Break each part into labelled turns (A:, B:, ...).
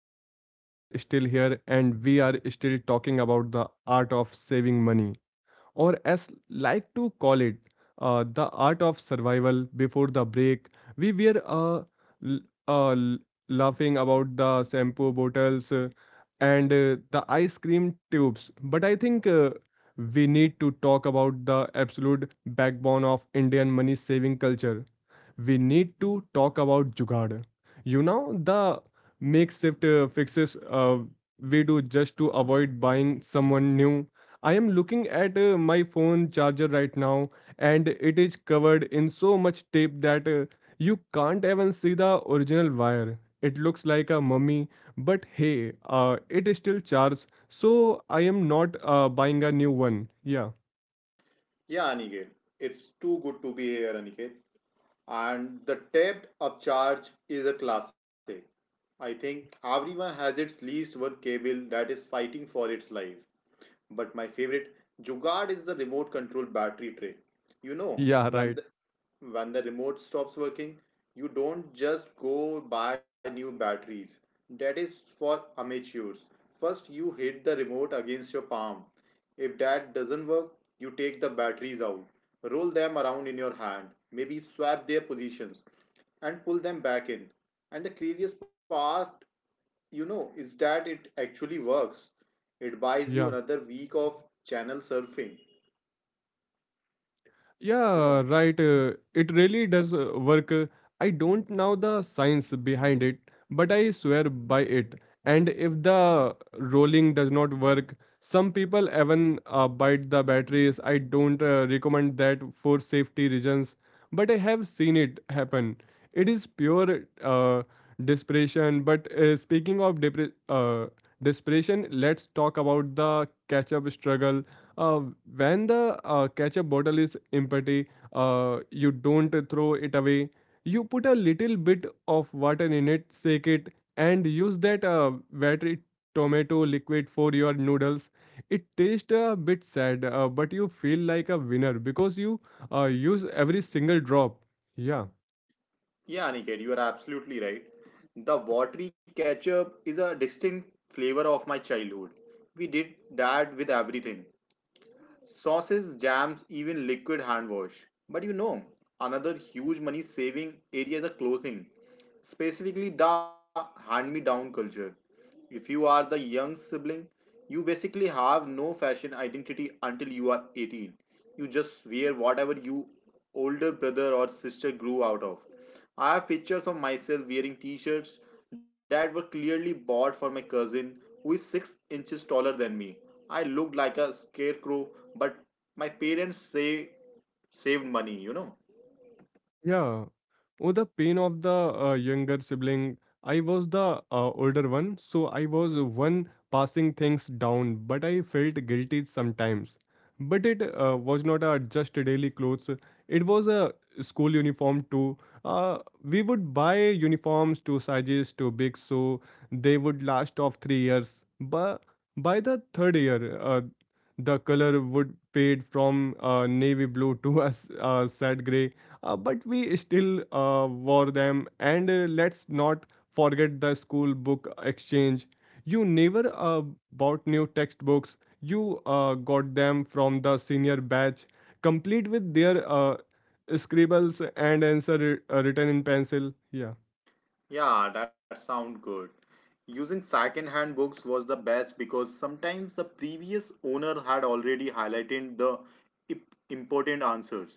A: everyone. We are still here and we are still talking about the art of saving money or as like to call it, the art of survival before the break. We were l- uh, l- laughing about the shampoo bottles and the ice cream tubes, but I think we need to talk about the absolute backbone of Indian money saving culture. We need to talk about jugaad. You know, the makeshift fixes we do just to avoid buying someone new. I am looking at my phone charger right now, and it is covered in so much tape that you can't even see the original wire. It looks like a mummy, but hey, it is still charged, so I am not buying a new one. Yeah,
B: Yeah, Aniket, it's too good to be here, Aniket. And the tapped up charge is a classic. I think everyone has its least one cable that is fighting for its life. But my favorite jugaad is the remote control battery tray. You know,
A: yeah, right.
B: when the, when the remote stops working, you don't just go buy new batteries. That is for amateurs. First, you hit the remote against your palm. If that doesn't work, you take the batteries out, roll them around in your hand, maybe swap their positions, and pull them back in. And the craziest part is that it actually works. It buys you
A: Yeah.
B: another week of channel surfing you
A: Yeah,
B: know
A: right. It really does work. I don't know the science behind it, but I swear by it. And if the rolling does not work, some people even bite the batteries. I don't recommend that for safety reasons, but I have seen it happen. It is pure desperation. But speaking of desperation, let's talk about the catch up struggle uh, when the ketchup bottle is empty, you don't throw it away. You put a little bit of water in it, shake it, and use that watery tomato liquid for your noodles. It tastes a bit sad, but you feel like a winner because you use every single drop. Yeah.
B: yeah, Aniket, you are absolutely right. The watery ketchup is a distinct flavor of my childhood. We did that with everything, sauces, jams, even liquid hand wash. But you know, another huge money saving area is a clothing, specifically the hand me down culture. If you are the young sibling, you basically have no fashion identity until you are 18. You just wear whatever you older brother or sister grew out of. I have pictures of myself wearing t-shirts that were clearly bought for my cousin who is 6 inches taller than me. I looked like a scarecrow, but my parents say saved money, you know.
A: Yeah. Oh, the pain of the younger sibling. I was the older one, so I was one passing things down, but I felt guilty sometimes. But it was not a just daily clothes. It was a school uniform too. We would buy uniforms to sizes too big, so they would last of 3 years. But by the third year, the color would fade from navy blue to a sad gray but we still wore them. And let's not forget the school book exchange. You never bought new textbooks, you got them from the senior batch, complete with their scribbles and answer written in pencil. Yeah,
B: Yeah, that sounds good. Using second-hand books was the best because sometimes the previous owner had already highlighted the important answers.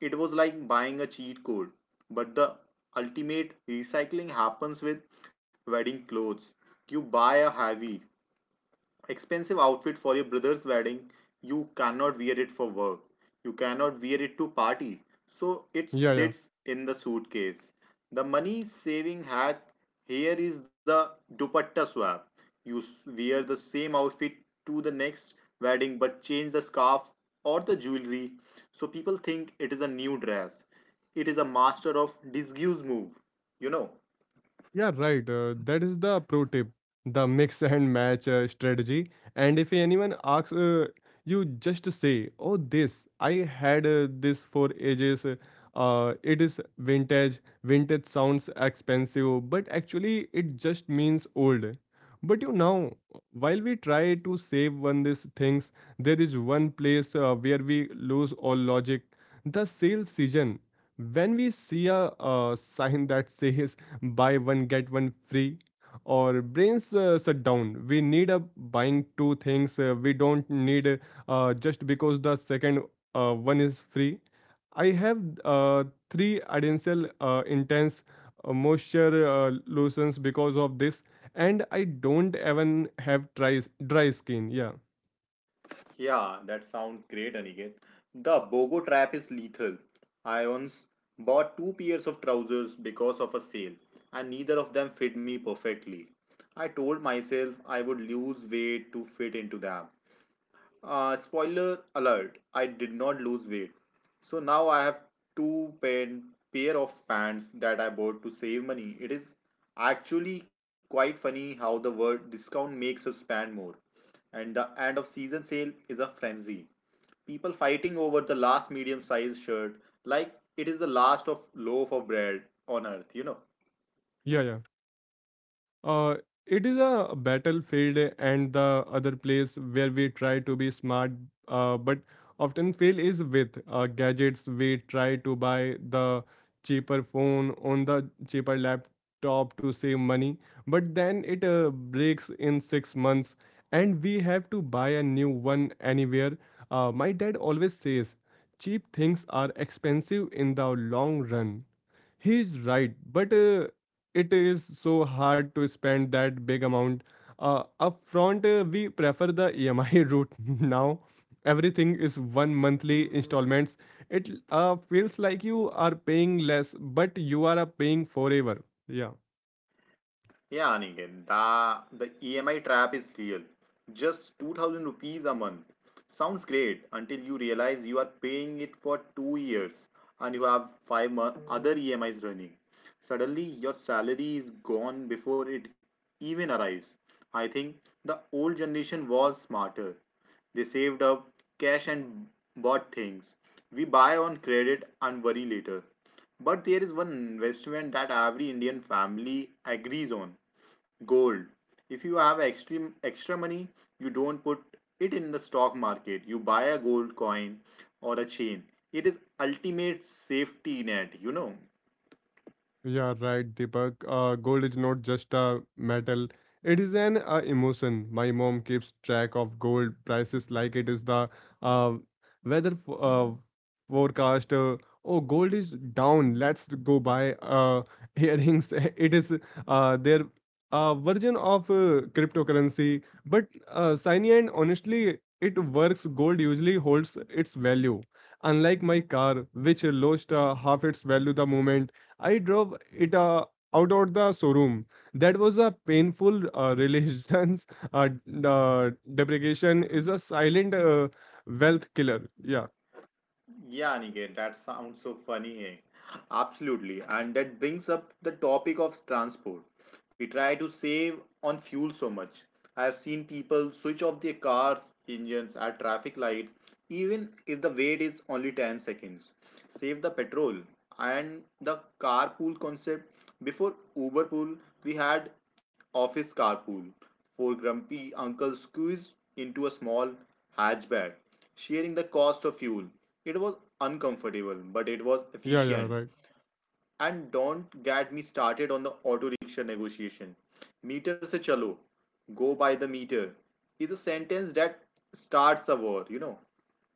B: It was like buying a cheat code, but the ultimate recycling happens with wedding clothes. You buy a heavy, expensive outfit for your brother's wedding. You cannot wear it for work, you cannot wear it to party, so it
A: yeah, yeah.
B: sits in the suitcase. The money saving hack here is the dupatta swap. You wear the same outfit to the next wedding but change the scarf or the jewelry, so people think it is a new dress. It is a master of disguise move, you know.
A: Yeah, right. That is the pro tip, the mix and match strategy. And if anyone asks, you just say, "Oh, this I had this for ages. It is vintage. Vintage sounds expensive, but actually it just means old." But you know, while we try to save one these things, there is one place where we lose all logic: the sale season. When we see a sign that says buy one get one free or brains shut down we need a buying two things we don't need just because the second one is free. I have uh, three additional intense moisture lotions because of this and I don't even have dry skin. Yeah,
B: Yeah, that sounds great, Aniket. The BOGO trap is lethal. I once bought two pairs of trousers because of a sale, and neither of them fit me perfectly. I told myself I would lose weight to fit into them. Spoiler alert, I did not lose weight. So now I have two pen, pair of pants that I bought to save money. It is actually quite funny how the word discount makes us spend more. And the end of season sale is a frenzy. People fighting over the last medium sized shirt like it is the last of loaf of bread on earth, you know.
A: yeah, yeah. Uh, it is a battlefield, and the other place where we try to be smart but often fail is with gadgets. We try to buy the cheaper phone on the cheaper laptop to save money, but then it breaks in 6 months and we have to buy a new one anywhere. My dad always says cheap things are expensive in the long run. He's right, but it is so hard to spend that big amount. Upfront, we prefer the EMI route now. Everything is one monthly installments. It feels like you are paying less, but you are paying forever. Yeah.
B: Yeah, Aniket, the EMI trap is real. Just 2000 rupees a month. Sounds great until you realize you are paying it for 2 years and you have other EMIs running. Suddenly, your salary is gone before it even arrives. I think the old generation was smarter. They saved up cash and bought things. We buy on credit and worry later. But there is one investment that every Indian family agrees on, gold. If you have extreme extra money, you don't put it in the stock market. You buy a gold coin or a chain. It is ultimate safety net, you know.
A: Yeah, right, Deepak. Gold is not just a metal, it is an emotion. My mom keeps track of gold prices like it is the uh, weather f forecast. Oh, gold is down. Let's go buy earrings. It is their version of cryptocurrency. But shiny and honestly, it works. Gold usually holds its value. Unlike my car, which lost half its value the moment I drove it out of the showroom. That was a painful relations. Uh, depreciation is a silent wealth killer. Yeah,
B: Yeah, Aniket, that sounds so funny. Hey? Absolutely. And that brings up the topic of transport. We try to save on fuel so much. I have seen people switch off their cars' engines at traffic lights, even if the wait is only 10 seconds. Save the petrol. And the carpool concept, before Uber pool, we had office carpool, four grumpy uncles squeezed into a small hatchback, sharing the cost of fuel. It was uncomfortable, but it was
A: yeah, yeah,
B: efficient.
A: right.
B: And don't get me started on the auto rickshaw negotiation. Meter se chalo, go by the meter, is a sentence that starts a war, you know.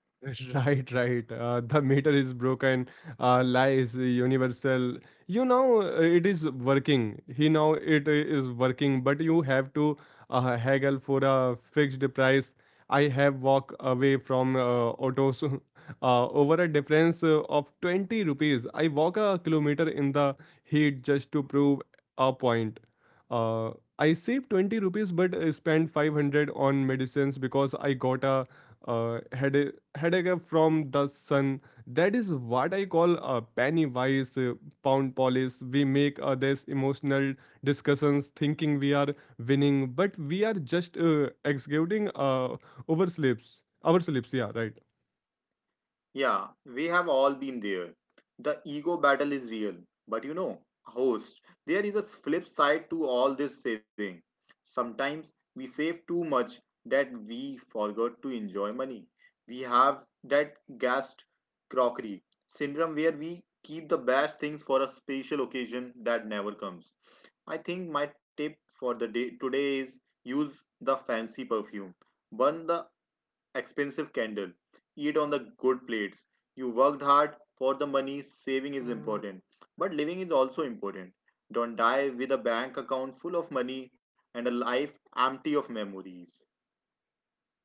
A: Right, right. The meter is broken. Lie is universal. You know it is working. He now it is working, but you have to haggle for a fixed price. I have walked away from autos over a difference of 20 rupees. I walk a kilometer in the heat just to prove a point. Uh, I saved 20 rupees but spent 500 on medicines because I got a headache from the sun. That is what I call a Pennywise pound polish. We make this emotional discussions thinking we are winning, but we are just executing oversleeps. Oversleeps, yeah, right.
B: Yeah, we have all been there. The ego battle is real. But you know, host, there is a flip side to all this saving. Sometimes we save too much that we forgot to enjoy money. We have that gassed crockery syndrome where we keep the best things for a special occasion that never comes. I think my tip for the day today is use the fancy perfume. Burn the expensive candle. Eat on the good plates. You worked hard for the money, saving is important. But living is also important. Don't die with a bank account full of money and a life empty of memories.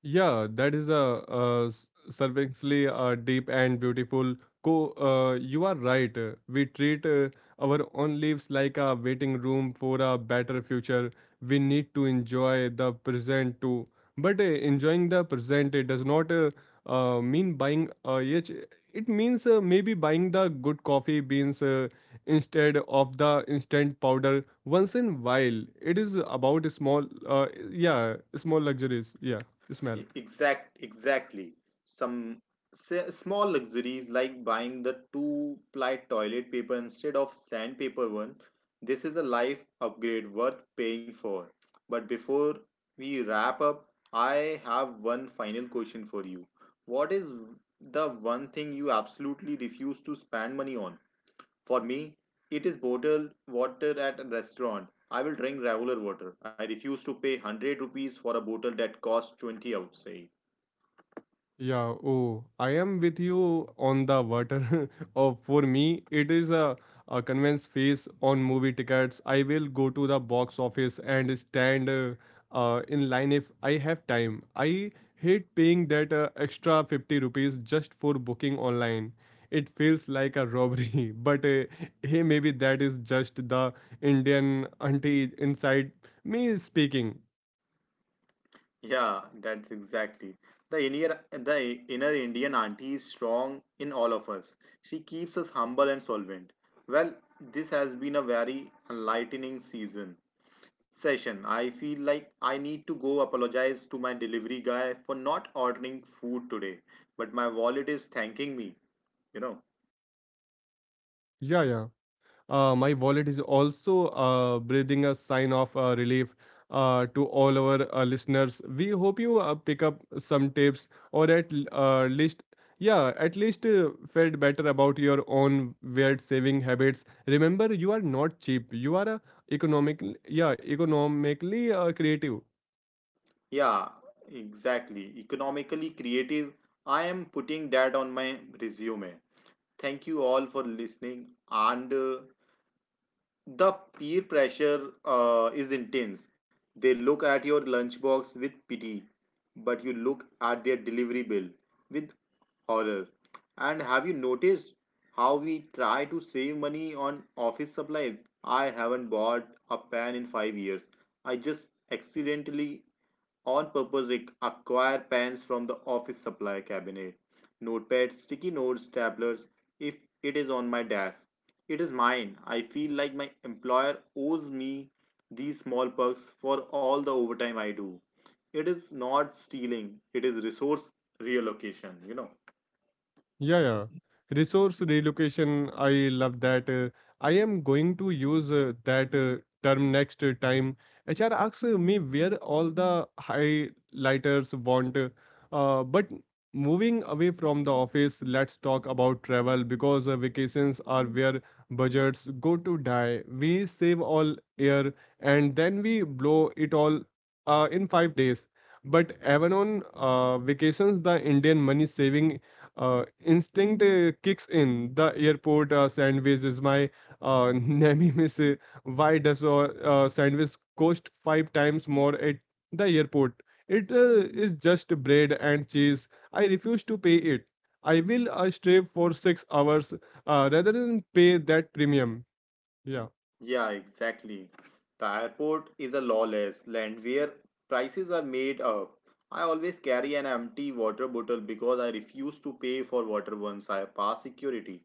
A: Yeah, that is a, surveyingly deep and beautiful. You are right. We treat our own lives like a waiting room for a better future. We need to enjoy the present too. But enjoying the present it does not mean buying each. It means maybe buying the good coffee beans instead of the instant powder once in while. It is about small, yeah, small luxuries. Yeah. Smell.
B: Exactly. Some small luxuries like buying the two-ply toilet paper instead of sandpaper one. This is a life upgrade worth paying for. But before we wrap up, I have one final question for you. What is the one thing you absolutely refuse to spend money on? For me, it is bottled water at a restaurant. I will drink regular water. I refuse to pay 100 rupees for a bottle that costs 20 outside.
A: Yeah, oh, I am with you on the water. Oh, for me, it is a convince face on movie tickets. I will go to the box office and stand in line if I have time. I hate paying that extra 50 rupees just for booking online. It feels like a robbery, but hey, maybe that is just the Indian auntie inside me speaking.
B: Yeah, that's exactly. The inner Indian auntie is strong in all of us. She keeps us humble and solvent. Well, this has been a very enlightening season session. I feel like I need to go apologize to my delivery guy for not ordering food today, but my wallet is thanking me, you know.
A: Yeah, yeah. My wallet is also breathing a sign of relief to all our listeners. We hope you pick up some tips or at least, yeah, at least felt better about your own weird saving habits. Remember, you are not cheap. You are a economic, yeah, economically creative.
B: Yeah, exactly. Economically creative. I am putting that on my resume. Thank you all for listening. And the peer pressure is intense. They look at your lunchbox with pity, but you look at their delivery bill with horror. And have you noticed how we try to save money on office supplies? I haven't bought a pen in 5 years. I just accidentally on purpose, acquire pens from the office supply cabinet, notepads, sticky notes, staplers. If it is on my desk, it is mine. I feel like my employer owes me these small perks for all the overtime I do. It is not stealing, it is resource reallocation, you know.
A: Yeah, yeah. Resource relocation, I love that. I am going to use that term next time. HR asks me where all the highlighters want. But moving away from the office, let's talk about travel because vacations are where budgets go to die. We save all year and then we blow it all in 5 days. But even on vacations, the Indian money saving instinct kicks in. The airport sandwich is my nemesis. Why does a sandwich cost five times more at the airport? It is just bread and cheese. I refuse to pay it. I will stay for 6 hours rather than pay that premium. Yeah,
B: Yeah, exactly. The airport is a lawless land where prices are made up. I always carry an empty water bottle because I refuse to pay for water once I pass security.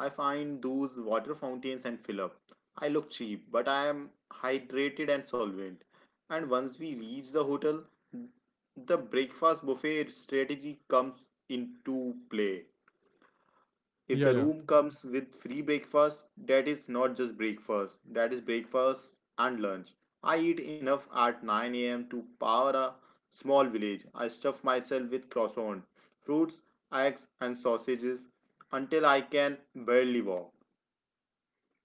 B: I find those water fountains and fill up. I look cheap, but I am hydrated and solvent. And once we reach the hotel, the breakfast buffet strategy comes into play. If
A: yeah,
B: the
A: yeah.
B: room comes with free breakfast, that is not just breakfast, that is breakfast and lunch. I eat enough at 9 a.m. to power a small village. I stuff myself with croissant, fruits, eggs, and sausages until I can barely walk.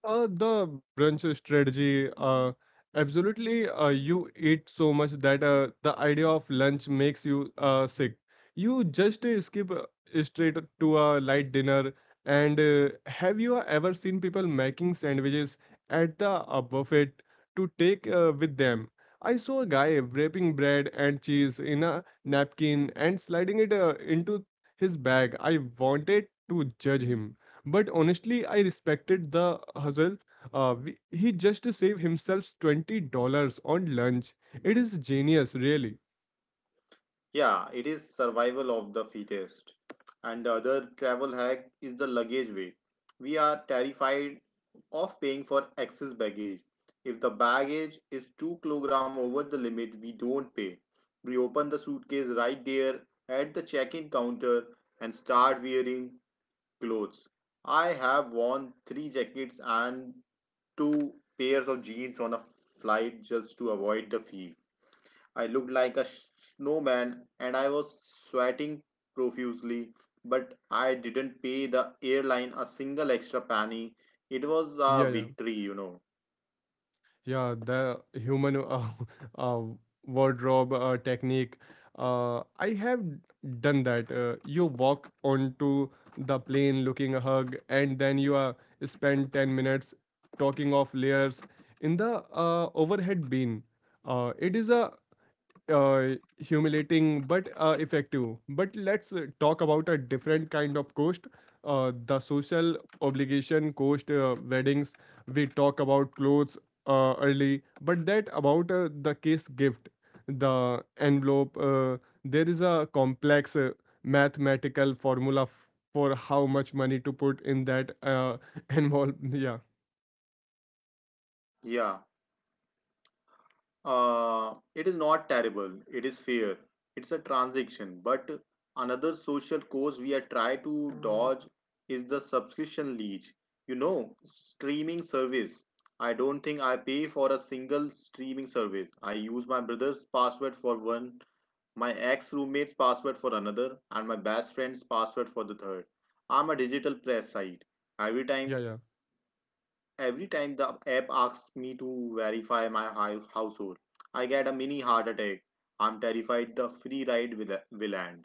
A: The brunch strategy, absolutely. You eat so much that the idea of lunch makes you sick. You just skip straight to a light dinner. And have you ever seen people making sandwiches at the buffet to take with them? I saw a guy wrapping bread and cheese in a napkin and sliding it into his bag. I wanted to judge him. But honestly, I respected the hustle. He just saved himself $20 on lunch. It is genius, really.
B: Yeah, it is survival of the fittest. And the other travel hack is the luggage weight. We are terrified of paying for excess baggage. If the baggage is 2 kg over the limit, we don't pay. We open the suitcase right there at the check-in counter and start wearing clothes. I have worn 3 jackets and 2 pairs of jeans on a flight just to avoid the fee. I looked like a snowman, and I was sweating profusely, but I didn't pay the airline a single extra penny. It was a
A: Yeah, yeah.
B: victory, you know.
A: Yeah, the human uh, wardrobe technique. I have done that. You walk onto the plane looking a hug, and then you spend 10 minutes talking of layers in the overhead bin. It is a humiliating but effective. But let's talk about a different kind of cost the social obligation cost, weddings. We talk about clothes early, but that about the kiss gift, the envelope. There is a complex mathematical formula for how much money to put in that envelope. Yeah,
B: Yeah. It is not terrible. It is fair. It's a transaction. But another social cause we are trying to dodge is the subscription leech. You know, streaming service. I don't think I pay for a single streaming service. I use my brother's password for one, my ex roommate's password for another, and my best friend's password for the third. I'm a digital press site. Every time,
A: yeah, yeah.
B: every time the app asks me to verify my household, I get a mini heart attack. I'm terrified the free ride will end.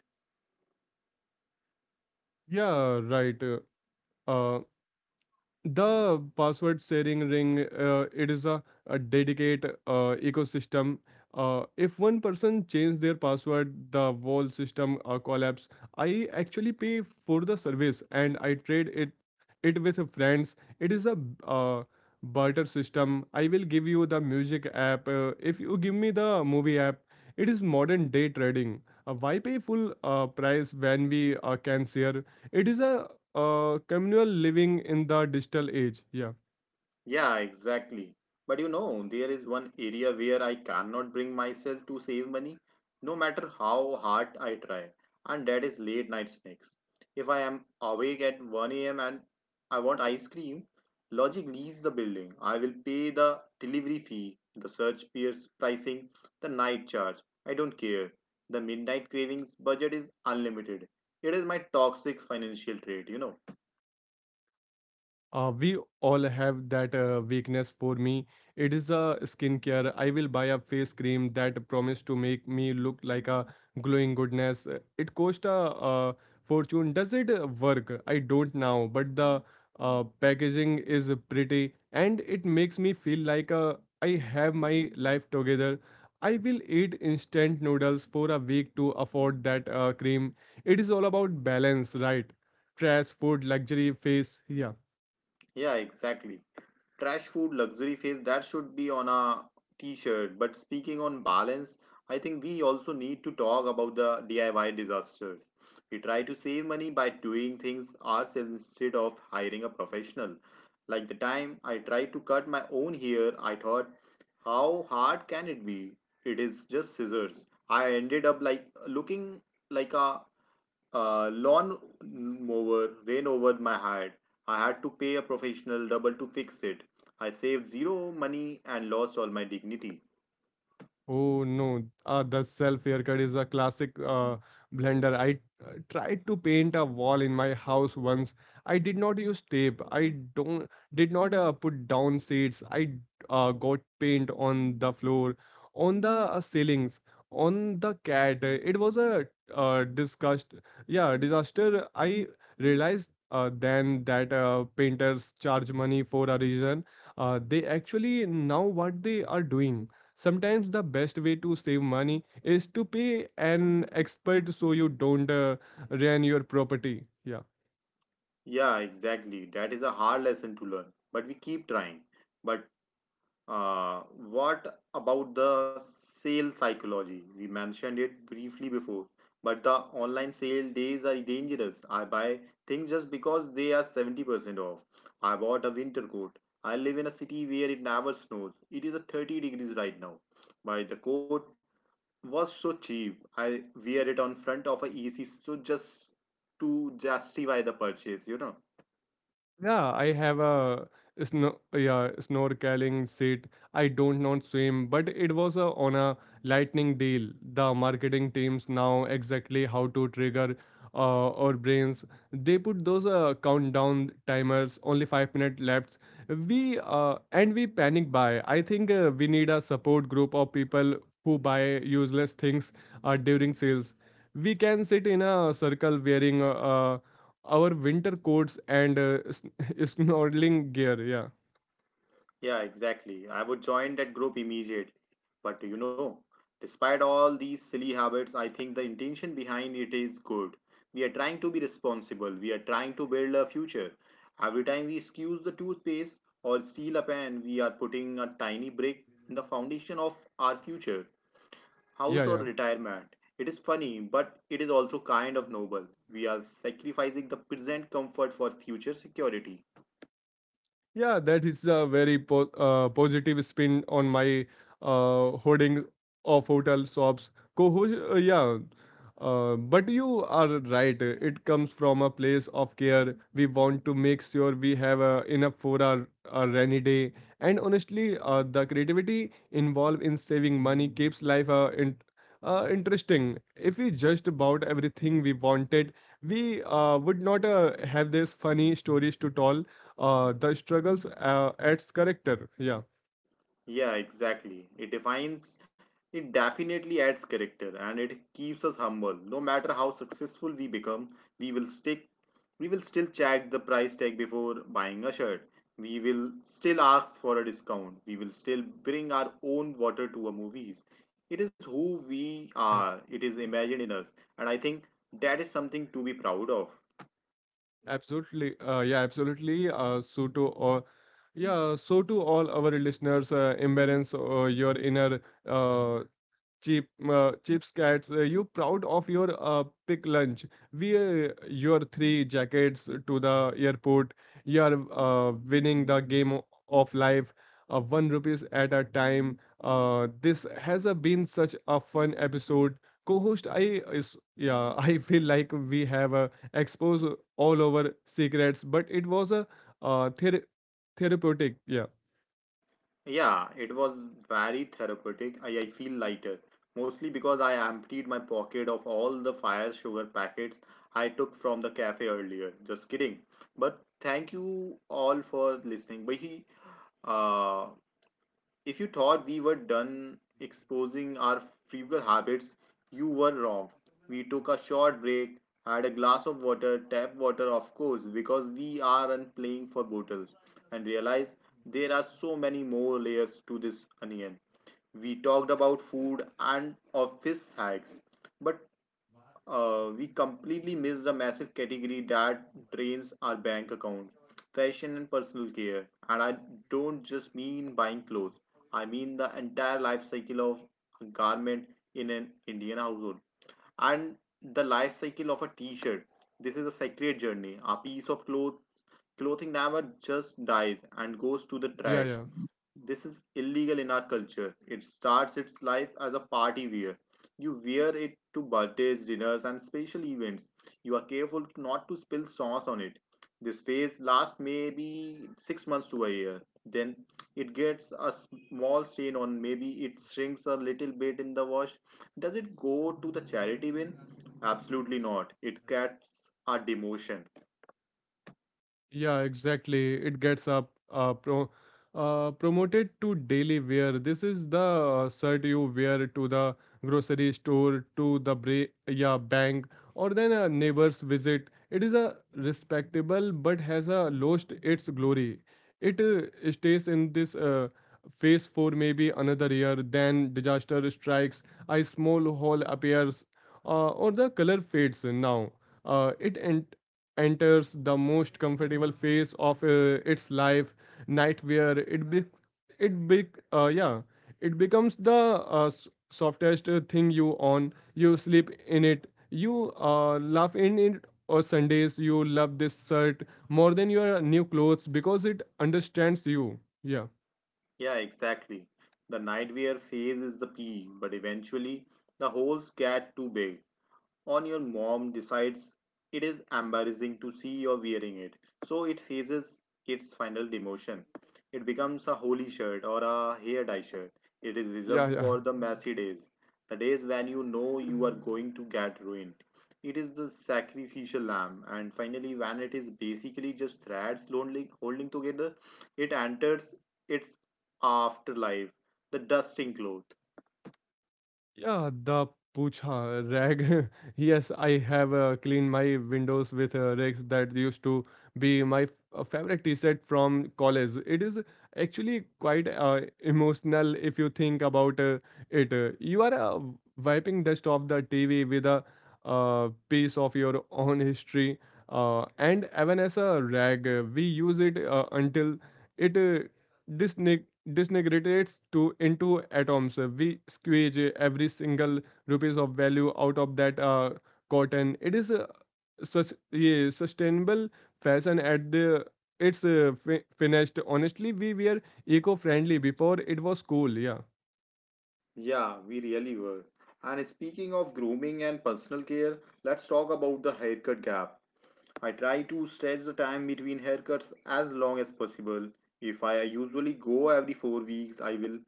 A: Yeah, right. Uh, The password sharing ring, it is a dedicate ecosystem. If one person change their password, the whole system collapse. I actually pay for the service and I trade it with friends. It is a uh, barter system. I will give you the music app if you give me the movie app. It is modern day trading. Why pay full price when we can share? It is a communal living in the digital age. Yeah.
B: Yeah, exactly. But you know, there is one area where I cannot bring myself to save money, no matter how hard I try, and that is late night snacks. If I am awake at 1 a.m. and I want ice cream, logic leaves the building. I will pay the delivery fee, the search peers pricing, the night charge. I don't care. The midnight cravings budget is unlimited. It is my toxic financial trait, you know.
A: We all have that weakness for me. It is a skincare. I will buy a face cream that promise to make me look like a glowing goodness. It cost a uh, fortune. Does it work? I don't know, but the packaging is pretty and it makes me feel like I have my life together. I will eat instant noodles for a week to afford that cream. It is all about balance, right? Trash, food, luxury, face. Yeah.
B: Yeah, exactly. Trash food luxury phase, that should be on a t-shirt. But speaking on balance, I think we also need to talk about the DIY disasters. We try to save money by doing things ourselves instead of hiring a professional, like the time I tried to cut my own hair. I thought, how hard can it be? It is just scissors. I ended up like looking like a lawn mower ran over my head. I had to pay a professional double to fix it. I saved zero money and lost all my dignity.
A: Oh no, the self haircut is a classic blender. I tried to paint a wall in my house once. I did not use tape. I don't did not put down seats. I got paint on the floor, on the ceilings, on the cat. It was a disgust. Yeah, disaster. I realized then that painters charge money for a reason. They actually know what they are doing. Sometimes the best way to save money is to pay an expert so you don't ruin your property. Yeah.
B: Yeah, exactly. That is a hard lesson to learn, but we keep trying. But Uh, what about the sale psychology? We mentioned it briefly before, but the online sale days are dangerous. I buy things just because they are 70% off. I bought a winter coat. I live in a city where it never snows. It is a 30 degrees right now. But the coat was so cheap. I wear it on front of a AC so just to justify the purchase, you know.
A: Yeah, I have a snow yeah snorkeling seat. I don't know swim, but it was a, on a lightning deal. The marketing teams now exactly how to trigger our brains. They put those countdown timers, only 5 minute left. We and we panic buy. I think we need a support group of people who buy useless things during sales. We can sit in a circle wearing a, our winter coats and snorkeling gear. Yeah.
B: Yeah, exactly. I would join that group immediately. But you know, despite all these silly habits, I think the intention behind it is good. We are trying to be responsible. We are trying to build a future. Every time we excuse the toothpaste or steal a pen, we are putting a tiny brick in the foundation of our future,
A: Yeah,
B: house or
A: yeah.
B: retirement. It is funny, but it is also kind of noble. We are sacrificing the present comfort for future security.
A: Yeah, that is a very positive spin on my hoarding of hotel shops. Co- uh, yeah, but you are right. It comes from a place of care. We want to make sure we have enough for our rainy day. And honestly, the creativity involved in saving money keeps life interesting. If we just bought everything we wanted, we would not have these funny stories to tell the struggles adds character. Yeah,
B: Yeah, exactly. It definitely adds character and it keeps us humble. No matter how successful we become, we will stick, we will still check the price tag before buying a shirt. We will still ask for a discount. We will still bring our own water to a movies. It is who we are.
A: ab-
B: It is imagined in us. And I think that is something to be proud of.
A: Absolutely. Yeah, absolutely. So to all our listeners, embrace your inner uh, cheap, chips cats, you proud of your pick lunch? Wear your 3 jackets to the airport. You are winning the game of life, one rupees at a time. This has been such a fun episode. Co-host, I is yeah, I feel like we have exposed all our secrets, but it was a uh, ther therapeutic. Yeah,
B: Yeah, it was very therapeutic. I feel lighter, mostly because I emptied my pocket of all the fire sugar packets I took from the cafe earlier. Just kidding. But thank you all for listening. But uh, if you thought we were done exposing our frugal habits, you were wrong. We took a short break, had a glass of water, tap water, of course, because we aren't playing for bottles, and realized there are so many more layers to this onion. We talked about food and office hacks, but we completely miss the massive category that drains our bank account, fashion and personal care. And I don't just mean buying clothes. I mean the entire life cycle of a garment in an Indian household, and the life cycle of a t-shirt. This is a sacred journey. A piece of clothing never just dies and goes to the
A: yeah,
B: trash.
A: yeah.
B: This is illegal in our culture. It starts its life as a party wear. You wear it to birthdays, dinners, and special events. You are careful not to spill sauce on it. This phase lasts maybe 6 months to a year. Then it gets a small stain on, maybe it shrinks a little bit in the wash. Does it go to the charity bin? Absolutely not. It gets a demotion.
A: Yeah, exactly. It gets up pro promoted to daily wear. This is the shirt you wear to the grocery store, to the bank, or then a neighbor's visit. It is a respectable but has a lost its glory. It stays in this phase for maybe another year. Then disaster strikes, a small hole appears, or the color fades. Now, it en enters the most comfortable phase of its life night where it be yeah it becomes the softest thing you own. You sleep in it, you laugh in it or Sundays. You love this shirt more than your new clothes because it understands you. Yeah,
B: Yeah, exactly. The nightwear phase is the P, but eventually the holes get too big on your mom decides it is embarrassing to see you wearing it. So it faces its final demotion. It becomes a holy shirt or a hair dye shirt. It is
A: yeah,
B: reserved
A: yeah.
B: for the messy days, the days when you know you are going to get ruined. It is the sacrificial lamb, and finally, when it is basically just threads lonely, holding together, it enters its afterlife, the dusting cloth.
A: Yeah, the pucha rag. Yes, I have cleaned my windows with rags that used to be my favorite t-shirt from college. It is actually quite emotional if you think about it. You are wiping dust off the TV with a piece of your own history. And even as a rag, we use it until it this neg- disintegrates to into atoms. We squeeze every single rupees of value out of that cotton. It is a sustainable fashion at the finished. Honestly, we were eco-friendly before it was cool. Yeah,
B: Yeah, we really were. And speaking of grooming and personal care, let's talk about the haircut gap. I try to stretch the time between haircuts as long as possible. If I usually go every 4 weeks, I will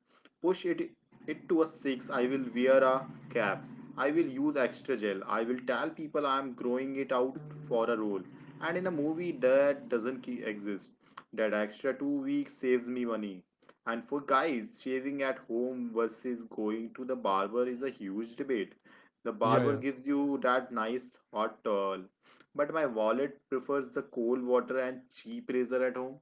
B: push it to a 6. I will wear a cap. I will use extra gel. I will tell people I am growing it out for a role. And in a movie that doesn't exist, that extra 2 weeks saves me money. And for guys, shaving at home versus going to the barber is a huge debate. The
A: yeah,
B: barber
A: yeah.
B: gives you that nice hot towel, but my wallet prefers the cold water and cheap razor at home.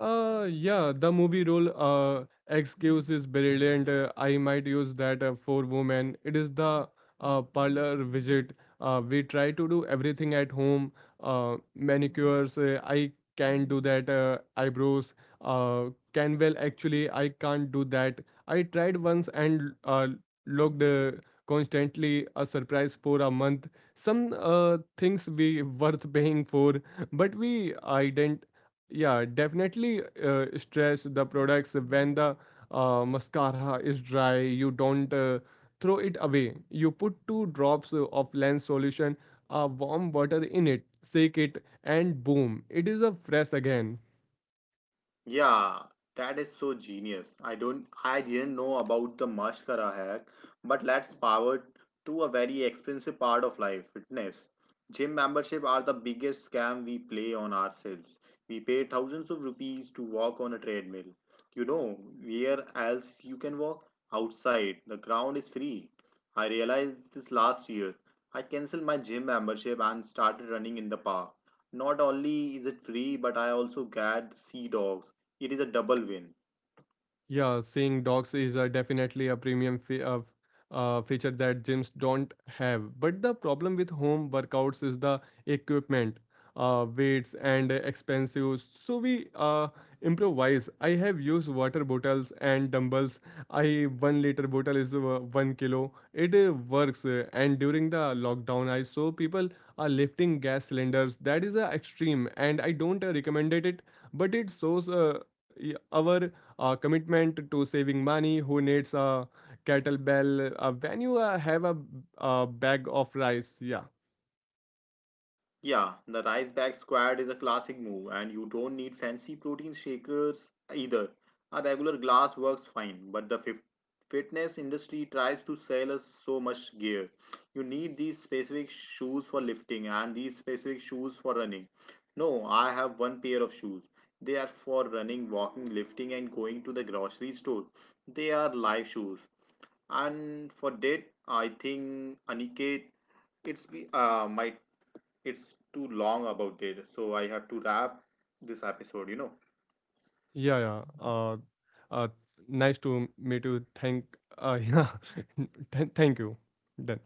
A: Yeah, the movie role excuse is brilliant. I might use that for women. It is the parlor visit. We try to do everything at home. Manicures, I can do that. Eyebrows, uh, can well actually, I can't do that. I tried once and looked constantly a surprise for a month. Some things we worth paying for, but we I didn't yeah, definitely stress the products when the mascara is dry. You don't throw it away. You put two drops of lens solution, warm water in it, shake it, and boom, it is a fresh again.
B: Yeah, that is so genius. I didn't know about the mascara hack, but let's power to a very expensive part of life, fitness. Gym membership are the biggest scam we play on ourselves. We pay thousands of rupees to walk on a treadmill. You know, where else you can walk? Outside. The ground is free. I realized this last year. I canceled my gym membership and started running in the park. Not only is it free, but I also get sea dogs. It is a double win.
A: Yeah, seeing dogs is definitely a premium fee of feature that gyms don't have. But the problem with home workouts is the equipment, weights, and expensive. So we improvise. I have used water bottles and dumbbells. I 1 liter bottle is 1 kilo. It works. And during the lockdown, I saw people are lifting gas cylinders. That is extreme, and I don't recommend it. But it shows y- our a commitment to saving money. Who needs a kettlebell when you have a bag of rice? Yeah,
B: Yeah, the rice bag squat is a classic move, and you don't need fancy protein shakers either. A regular glass works fine, but the fitness industry tries to sell us so much gear. You need these specific shoes for lifting and these specific shoes for running. No, I have one pair of shoes. They are for running, walking, lifting, and going to the grocery store. They are life shoes. And for that, I think Aniket, it's be might it's too long about data, so I have to wrap this episode, you know.
A: yeah, yeah. Uh, Nice to meet you. Thank yeah thank you. Done.